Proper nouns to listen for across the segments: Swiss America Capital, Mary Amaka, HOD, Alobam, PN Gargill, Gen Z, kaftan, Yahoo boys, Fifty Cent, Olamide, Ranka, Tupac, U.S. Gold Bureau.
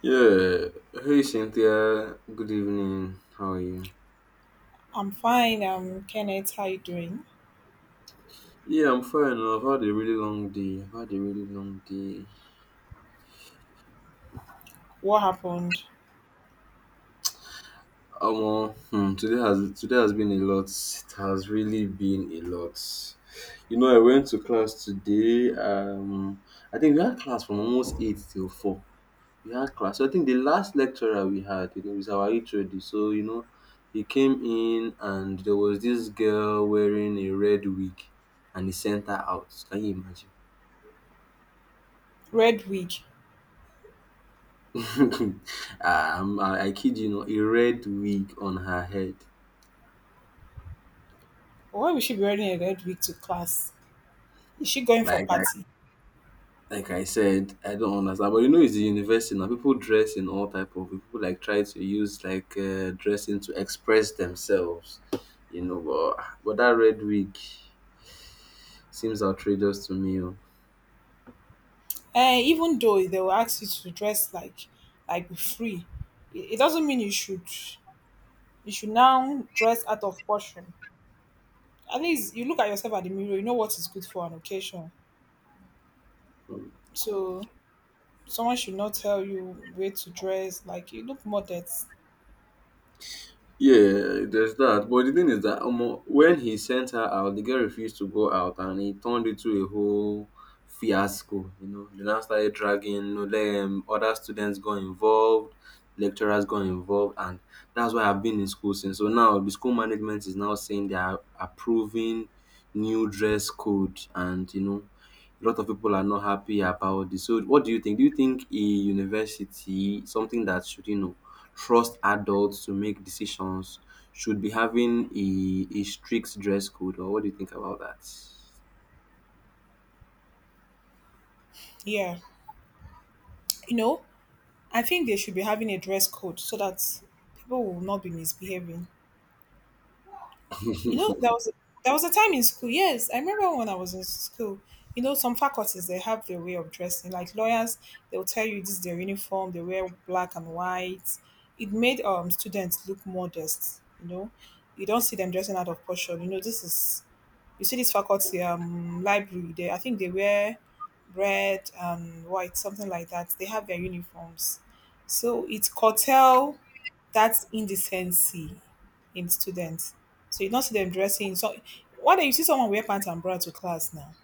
Yeah. Hey Cynthia, good evening. How are you? I'm fine. Kenneth, how you doing? Yeah, I'm fine. I've had a really long day. I've had a really long day. What happened? Today has been a lot. It has really been a lot. You know, I went to class today. I think we had class from almost eight till four. We had class. So I think the last lecturer we had, you know, is our HOD. So, you know, he came in and there was this girl wearing a red wig and he sent her out. Can you imagine? Red wig. I kid you not, a red wig on her head. Why would she be wearing a red wig to class? Is she going for Like I party? like I said, I don't understand. But you know, it's the university now. People dress in all type of. People like try to use like dressing to express themselves. But that red wig. Seems outrageous to me. Oh. Even though they will ask you to dress like be free, it doesn't mean you should. You should now dress out of portion. At least you look at yourself at the mirror. You know what is good for an occasion. So someone should not tell you where to dress. Like you look more that, Yeah, there's that. But the thing is that omo, when he sent her out, the girl refused to go out and he turned it to a whole fiasco. You know, they now started dragging, you know, other students got involved, lecturers got involved, and that's why I've been in school since. So now the school management is now saying they are approving new dress code, and you know, a lot of people are not happy about this. So, what do you think? Do you think a university, something that should, you know, trust adults to make decisions should be having a strict dress code or what do you think about that? yeah. You know, I think they should be having a dress code so that people will not be misbehaving. You know, there was a time in school. Yes, I remember when I was in school. You know, some faculties they have their way of dressing. Like lawyers, they'll tell you this is their uniform. They wear black and white. It made students look modest. You know, you don't see them dressing out of portion. You know, this is you see this faculty library. They I think they wear red and white, something like that. They have their uniforms. So it's curtail that indecency in students. So you don't see them dressing. So why do you see someone wear pants and bra to class now?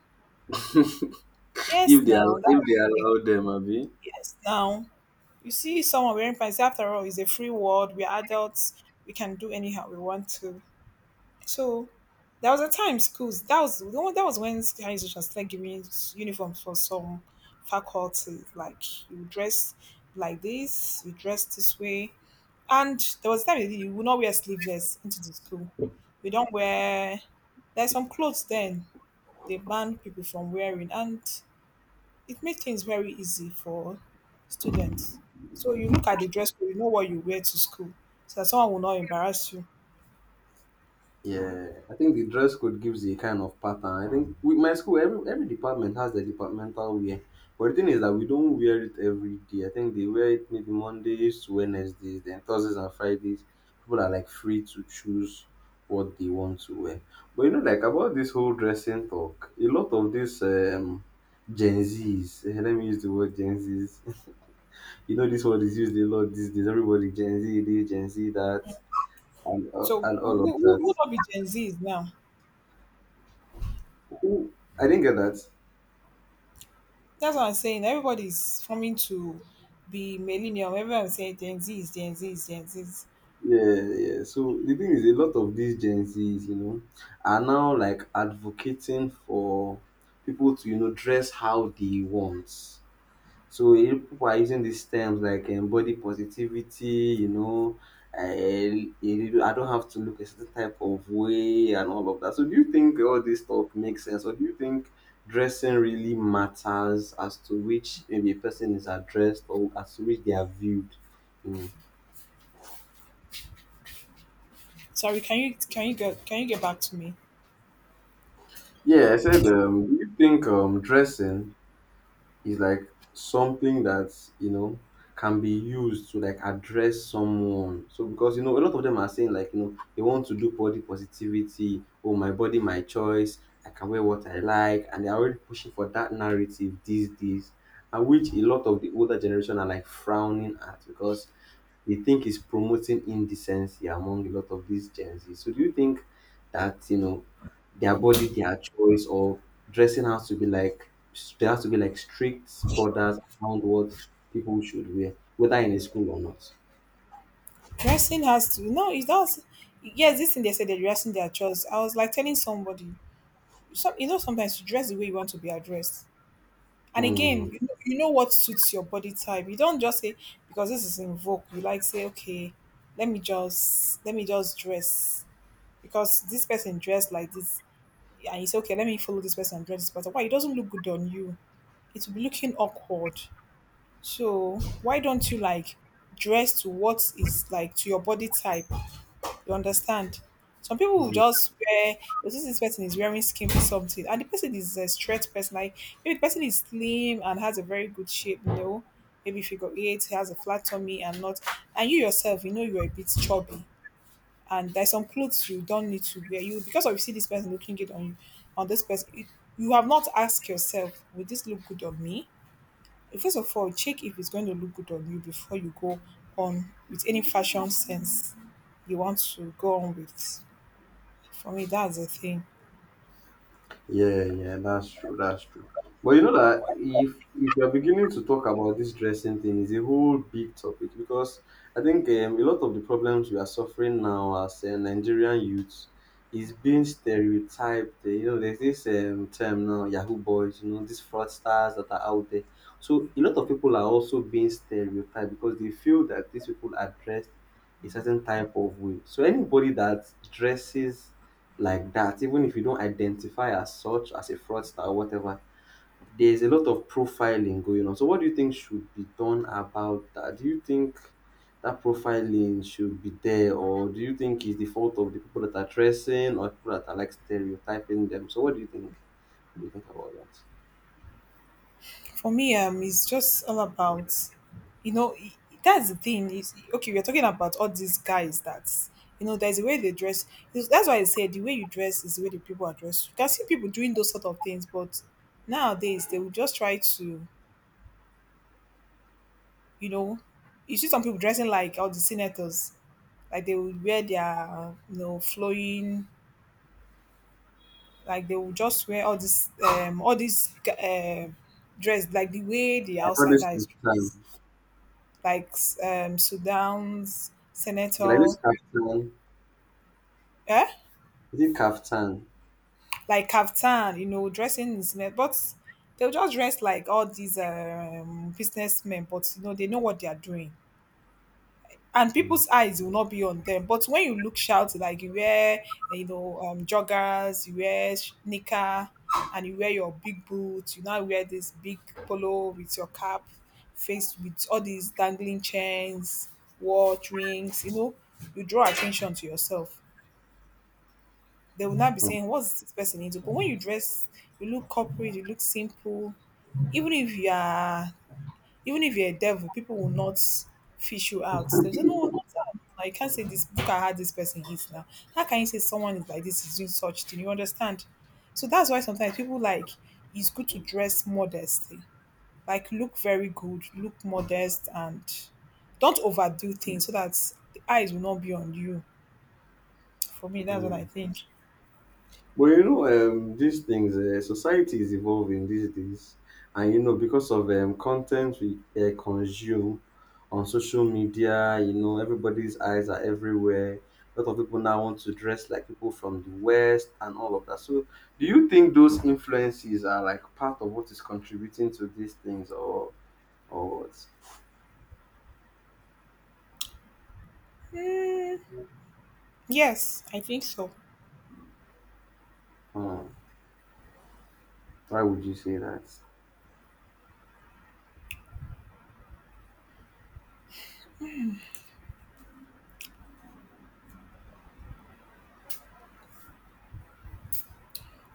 if Yes, they allow, now if they that allow them abi? yes, now you see someone wearing pants. After all, it's a free world. We're adults. We can do anyhow we want to. So there was a time schools that was the one that was when higher institution started giving uniforms for some faculties. Like you dress like this, you dress this way. And there was a time you would not wear sleeveless into the school. You don't wear there's some clothes then they ban people from wearing and it made things very easy for students. So you look at the dress code, you know what you wear to school so that someone will not embarrass you. Yeah, I think the dress code gives a kind of pattern. I think with my school, every department has their departmental wear. But the thing is that we don't wear it every day. I think they wear it maybe Mondays to Wednesdays, then Thursdays and Fridays. People are like free to choose what they want to wear. But you know, like about this whole dressing talk, a lot of this Gen Zs, eh, let me use the word Gen Zs. You know, this word is used a lot these days. Everybody Gen Z this, Gen Z that, So and who, all of who, who that. who not be Gen Z now? I didn't get that. That's what I'm saying. Everybody's forming to be millennial. Everyone's saying Gen Z is Gen Z is Gen Z. is- Yeah, yeah. So the thing is, a lot of these Gen Zs, you know, are now like advocating for people to, you know, dress how they want. So eh, people are using these terms like body positivity, you know, I don't have to look a certain type of way and all of that. So do you think all this talk makes sense, or do you think dressing really matters as to which maybe a person is addressed or as to which they are viewed? You know? Sorry, can you get back to me? Yeah, I said, do you think dressing is like something that, you know, can be used to like address someone? So, because, you know, a lot of them are saying like, you know, they want to do body positivity, oh, my body, my choice, I can wear what I like. And they're already pushing for that narrative these days, and which a lot of the older generation are like frowning at because you think is promoting indecency among a lot of these Gen Z. So do you think that you know their body, their choice, or dressing has to be like there has to be like strict borders around what people should wear, whether in a school or not? Dressing has to no, it does. Yes, this thing they said they're dressing their choice. I was like telling somebody, some you know sometimes you dress the way you want to be addressed. And Hmm. again, you know what suits your body type. You don't just say because this is in vogue. You like say okay, let me just dress because this person dressed like this and you say, okay, let me follow this person and dress this person. Why it doesn't look good on you? It will be looking awkward. So why don't you like dress to what is like to your body type? You understand? Some people will Hmm. just wear. Because this person is wearing skimpy something, and the person is a stretch person. Like maybe the person is slim and has a very good shape, you know. Maybe figure eight, he has a flat tummy and not. And you yourself, you know, you're a bit chubby and there's some clothes you don't need to wear. You because of you see this person looking good on you, on this person, it, you have not asked yourself, will this look good on me? First of all, check if it's going to look good on you before you go on with any fashion sense you want to go on with. For me, that's the thing. Yeah, yeah, that's true. That's true. But you know that if you're beginning to talk about this dressing thing, is a whole big topic because I think a lot of the problems we are suffering now as Nigerian youths is being stereotyped. Eh, you know, there's this term now, Yahoo boys. You know, these fraudsters that are out there. So a lot of people are also being stereotyped because they feel that these people are dressed a certain type of way. So anybody that dresses like that, even if you don't identify as such as a fraudster or whatever, there's a lot of profiling going on. So, what do you think should be done about that? Do you think that profiling should be there, or do you think it's the fault of the people that are tracing or people that are like stereotyping them? So, what do you think? What do you think about that? For me, it's just all about, you know, that's the thing. Is okay, we're talking about all these guys that, you know, there's a way they dress. It's- That's why I said the way you dress is the way the people are dressed. You can see people doing those sort of things, but nowadays they will just try to, you know, you see some people dressing like all the senators, like they will wear their, you know, flowing, like they will just wear all this, uh, dress like the way the I call outside this guys kaftan. like Sudan's Can I use senator, kaftan? eh? Is it kaftan? Like kaftan, you know, dressing in Sudan. But they'll just dress like all these businessmen, but you know, they know what they are doing. And Mm, people's eyes will not be on them. But when you look shout, like you wear, you know, joggers, you wear knicker, and you wear your big boots, you now wear this big polo with your cap, faced with all these dangling chains, watch, rings, you know, you draw attention to yourself. They will not be mm, saying, what's this person into? But when you dress, you look corporate, you look simple. Even if you are even if you're a devil, people will not fish you out. They'll say, no, not that. I can't say this book I had this person is now. How can you say someone is like this is doing such thing? You understand? So that's why sometimes people like it's good to dress modestly. Like look very good, look modest and don't overdo things so that the eyes will not be on you. For me, that's what I mm. think. But you know, these things, society is evolving these days, and you know, because of content we consume on social media, you know, everybody's eyes are everywhere. A lot of people now want to dress like people from the West and all of that. So, do you think those influences are like part of what is contributing to these things, or what? Hmm. Yes, I think so. Hmm. Why would you say that?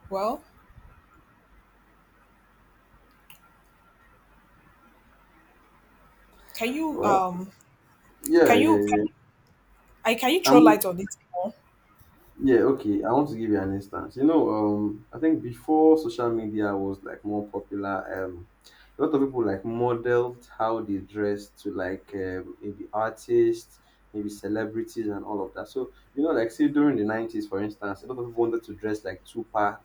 Well, can you Well, yeah, can you yeah, can, yeah. I can you throw I'm light on it more? Yeah, okay. I want to give you an instance. You know, I think before social media was like more popular, a lot of people like modeled how they dressed to like maybe artists, maybe celebrities, and all of that. So you know, like say during the 90s, for instance, a lot of people wanted to dress like Tupac.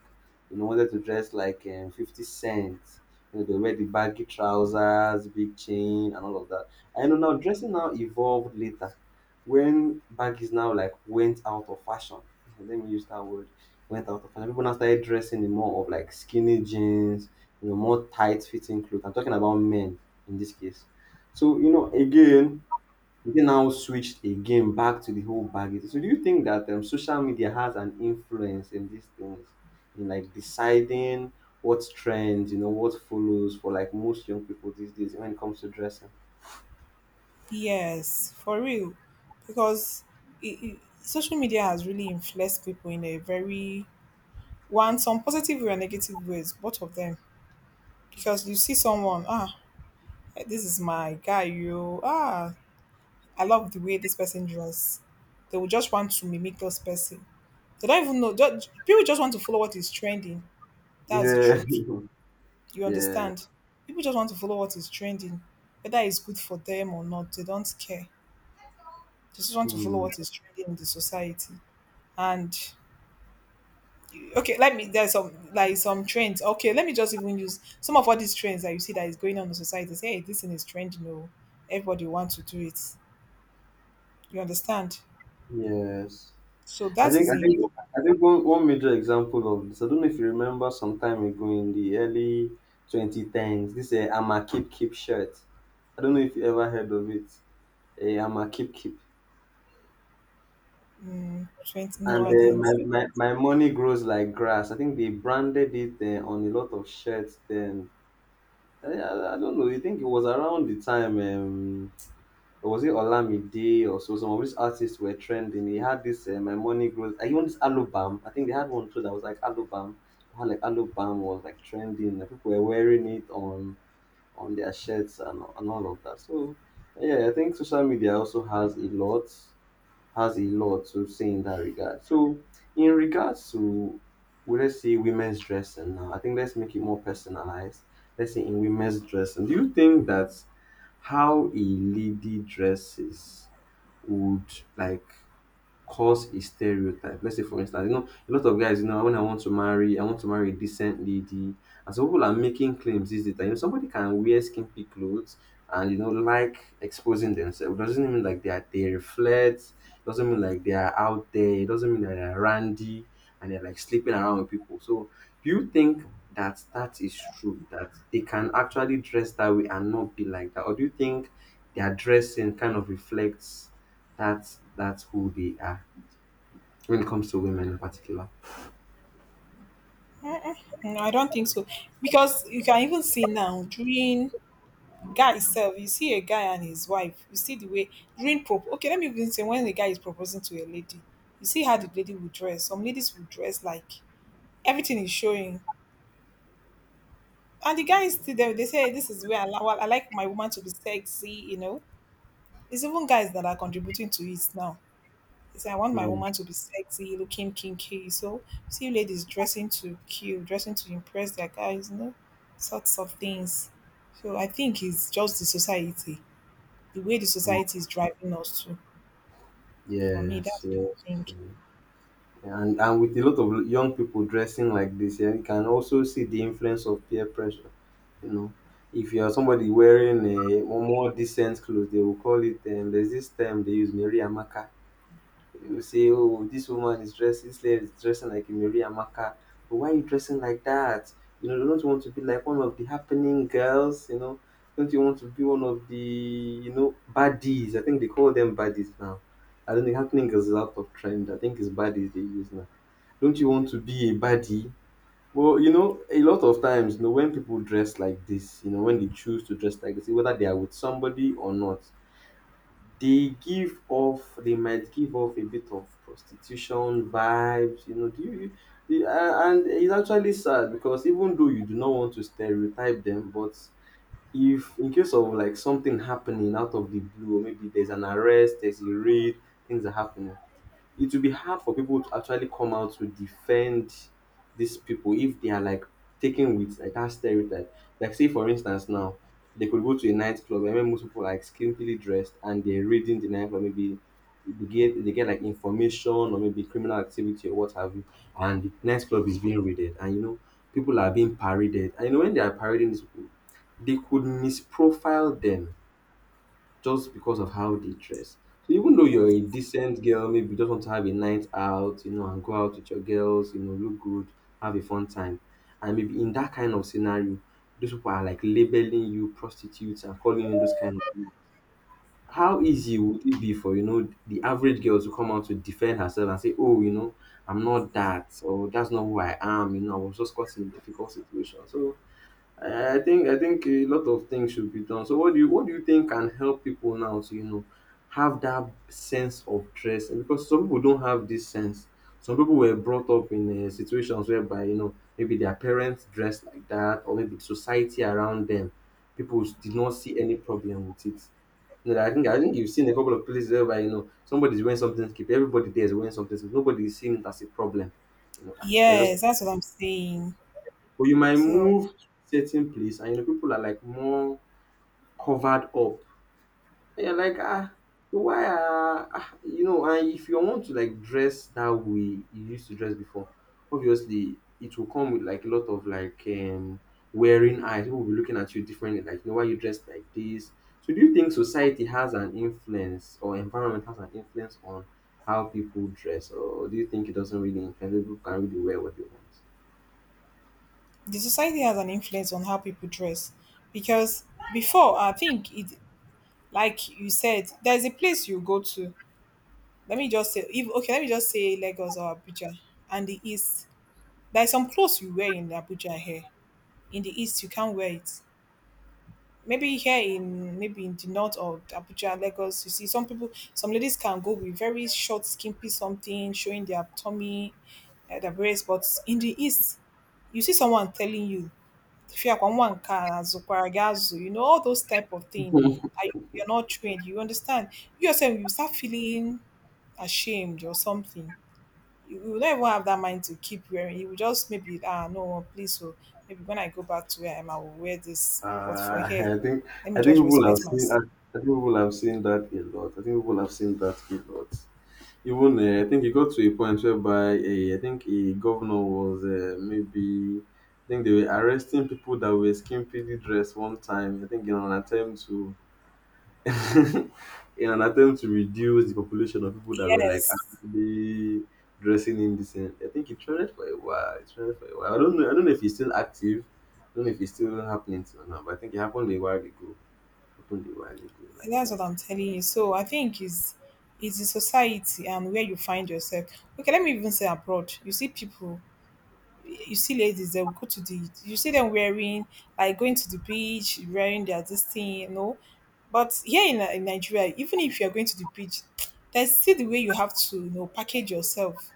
You know, wanted to dress like Fifty Cent. You know, they wear the baggy trousers, big chain, and all of that. I know now dressing now evolved later, when baggies now like went out of fashion, let me use that word, went out of fashion. People now started dressing in more of like skinny jeans, you know, more tight fitting clothes. I'm talking about men in this case. So, you know, again, they now switched again back to the whole baggage. So, do you think that social media has an influence in these things, in like deciding what trends, you know, what follows for like most young people these days when it comes to dressing? Yes, for real, because social media has really influenced people in a very one some positive way and negative ways, both of them. Because you see someone, ah, this is my guy, you ah, I love the way this person dress. They will just want to mimic this person. They don't even know. Just, people just want to follow what is trending. That's the Yeah. truth. You Yeah. understand people just want to follow what is trending whether it's good for them or not they don't care they just want to follow Hmm. what is trending in the society and okay let me there's some like some trends okay let me just even use some of all these trends that you see that is going on in society say hey this thing is trending oh everybody wants to do it you understand Yes. so I that think is I a think I think one major example of this. I don't know if you remember some time ago in the early 2010s. This I'm a keep keep shirt. I don't know if you ever heard of it. I'm a keep keep. trend no And I uh, my, didn't my my money grows like grass. I think they branded it on a lot of shirts. Then I don't know. I think it was around the time. Or was it Olamide or so? Some of these artists were trending. He had this My Money Grows. I even this Alobam. I think they had one too that was like Alobam. How like Alobam was like trending. And people were wearing it on their shirts and all of that. So yeah, I think social media also has a lot to say in that regard. So, in regards to, well, let's say women's dressing now, I think let's make it more personalized. Let's say in women's dressing, do you think that how a lady dresses would like cause a stereotype. Let's say for instance, you know, a lot of guys, you know, when I want to marry, I want to marry a decent lady. And some people are making claims these days that you know somebody can wear skimpy clothes and you know like exposing themselves. Doesn't mean like they reflect, doesn't mean like they are out there, it doesn't mean that they are randy and they're like sleeping around with people. So do you think that that is true that they can actually dress that way and not be like that or do you think their dressing kind of reflects that that's who they are when it comes to women in particular. no I don't think so because you can even see now during guy sef you see a guy and his wife you see the way during prop okay let me even say when the guy is proposing to a lady you see how the lady will dress some ladies will dress like everything is showing and the guy is still there they say this is where I, well, I like my woman to be sexy you know it's even guys that are contributing to it now they say I want my Mm, woman to be sexy looking kinky so see ladies dressing to kill dressing to impress their guys you know sorts of things so I think it's just the society the way the mm. society is driving us to. For me, Yes, that's yes, what I yeah. think. And with a lot of young people dressing like this, yeah, you can also see the influence of peer pressure. You know, if you are somebody wearing a more decent clothes, they will call it. There's this term they use, Mary Amaka. You say, "Oh, this woman is dressing, this lady is dressing like Mary Amaka. But why are you dressing like that? You know, don't you want to be like one of the happening girls? You know, don't you want to be one of the, you know, baddies? I think they call them baddies now. I don't think happening girls is out of trend. I think it's baddies they use now. Don't you want to be a baddie? Well, you know, a lot of times, you know, when people dress like this, you know, when they choose to dress like this, whether they are with somebody or not, they might give off a bit of prostitution vibes, you know, do you you a- and it's actually sad because even though you do not want to stereotype them, but if in case of like something happening out of the blue, or maybe there's an arrest, there's a raid, things are happening, it will be hard for people to actually come out to defend these people if they are like taken with like that stereotype. Like say for instance now, they could go to a nightclub and when most people are like skimpily dressed and they're reading the nightclub, maybe they get like information or maybe criminal activity or what have you, and the nightclub is being raided and you know people are being paraded. And you know when they are parading these people, they could misprofile them just because of how they dress. So even though you're a decent girl, maybe you just want to have a night out, you know, and go out with your girls, you know, look good, have a fun time. And maybe in that kind of scenario, those people are like labeling you prostitutes and calling you those kind of things. How easy would it be for, you know, the average girl to come out to defend herself and say, oh, you know, I'm not that, or that's not who I am, you know, I was just caught in a difficult situation. So I think a lot of things should be done. So what do you think can help people now to you know have that sense of stress? And because some people don't have this sense. Some people were brought up in situations whereby you know maybe their parents dressed like that, or maybe society around them, people did not see any problem with it. You know, I think you've seen a couple of places whereby you know somebody's wearing something skip, everybody there is wearing something skip, nobody is seeing it as a problem. You know, ah, they're just Yes, that's what I'm saying. but you might So move certain place and you know people are like more covered up. And you're like, ah, why are ah, you know? And if you want to like dress that way you used to dress before, obviously it will come with like a lot of like wearing eyes. People will be looking at you differently, like you know why you dressed like this. So do you think society has an influence or environment has an influence on how people dress, or do you think it doesn't really influence? People can really wear what they want. the society has an influence on how people dress because before I think it, like you said, there's a place you go to. Let me just say, if, okay, let me just say Lagos or Abuja and the East. There's some clothes you wear in Abuja here. In the East, you can't wear it. Maybe here in maybe in the north of Abuja, Lagos, you see some people, some ladies can go with very short, skimpy something showing their tummy, their breasts. But in the east, you see someone telling you, "Fiakwamwanka, azukwaragazu," you know all those type of thing. And you're not trained. You understand? You yourself, you start feeling ashamed or something you will not even have that mind to keep wearing. You will just maybe ah no oh, please so maybe when I go back to where I am I will wear this. But for Uh, here, I think let me I think just people have respect seen myself. I think people have seen that a lot. I think people have seen that a lot. Even I think it got to a point whereby I think a governor was maybe I think they were arresting people that were skimpily dressed one time. I think in an attempt to in an attempt to reduce the population of people that were like Yes, actually dressing indecent. I think it trended for a while. It trended for a while. I don't know. I don't know if it's still active. I don't know if it's still happening till now. But I think it happened a while ago. Happened a while ago like that's what that. I'm telling you. So I think is the society and where you find yourself. Okay, let me even say abroad. You see people you see ladies they will go to the you see them wearing like going to the beach wearing their this thing you know but here in nigeria even if you're going to the beach there's still the way you have to you know package yourself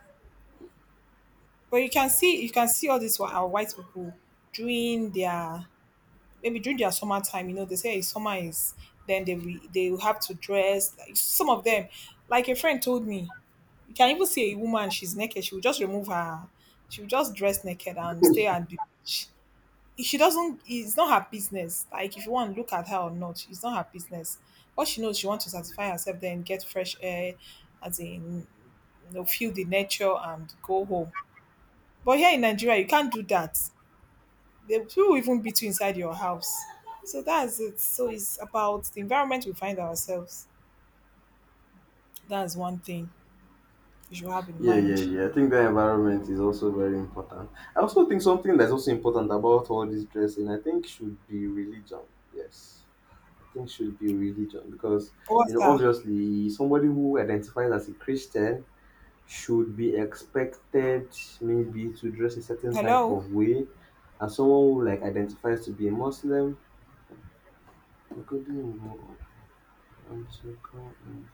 but you can see all these our white people during their maybe during their summer time you know they say "Hey, summer is then they will have to dress like some of them like a friend told me you can even see a woman she's naked she will just remove her she will just dress naked and stay at the beach she doesn't it's not her business like if you want to look at her or not it's not her business what she knows she wants to satisfy herself then get fresh air as in you know, feel the nature and go home but here in nigeria you can't do that the people will even beat you inside your house so that's it so it's about the environment we find ourselves that's one thing you should have in Yeah, yeah, mind yeah. I think the environment is also very important. I also think something that's also important about all this dressing, I think, should be religion. Yes. I think should be religion because you what's know that obviously somebody who identifies as a Christian should be expected maybe to dress a certain type hello of way and someone who like identifies to be a Muslim. We could do more and to go and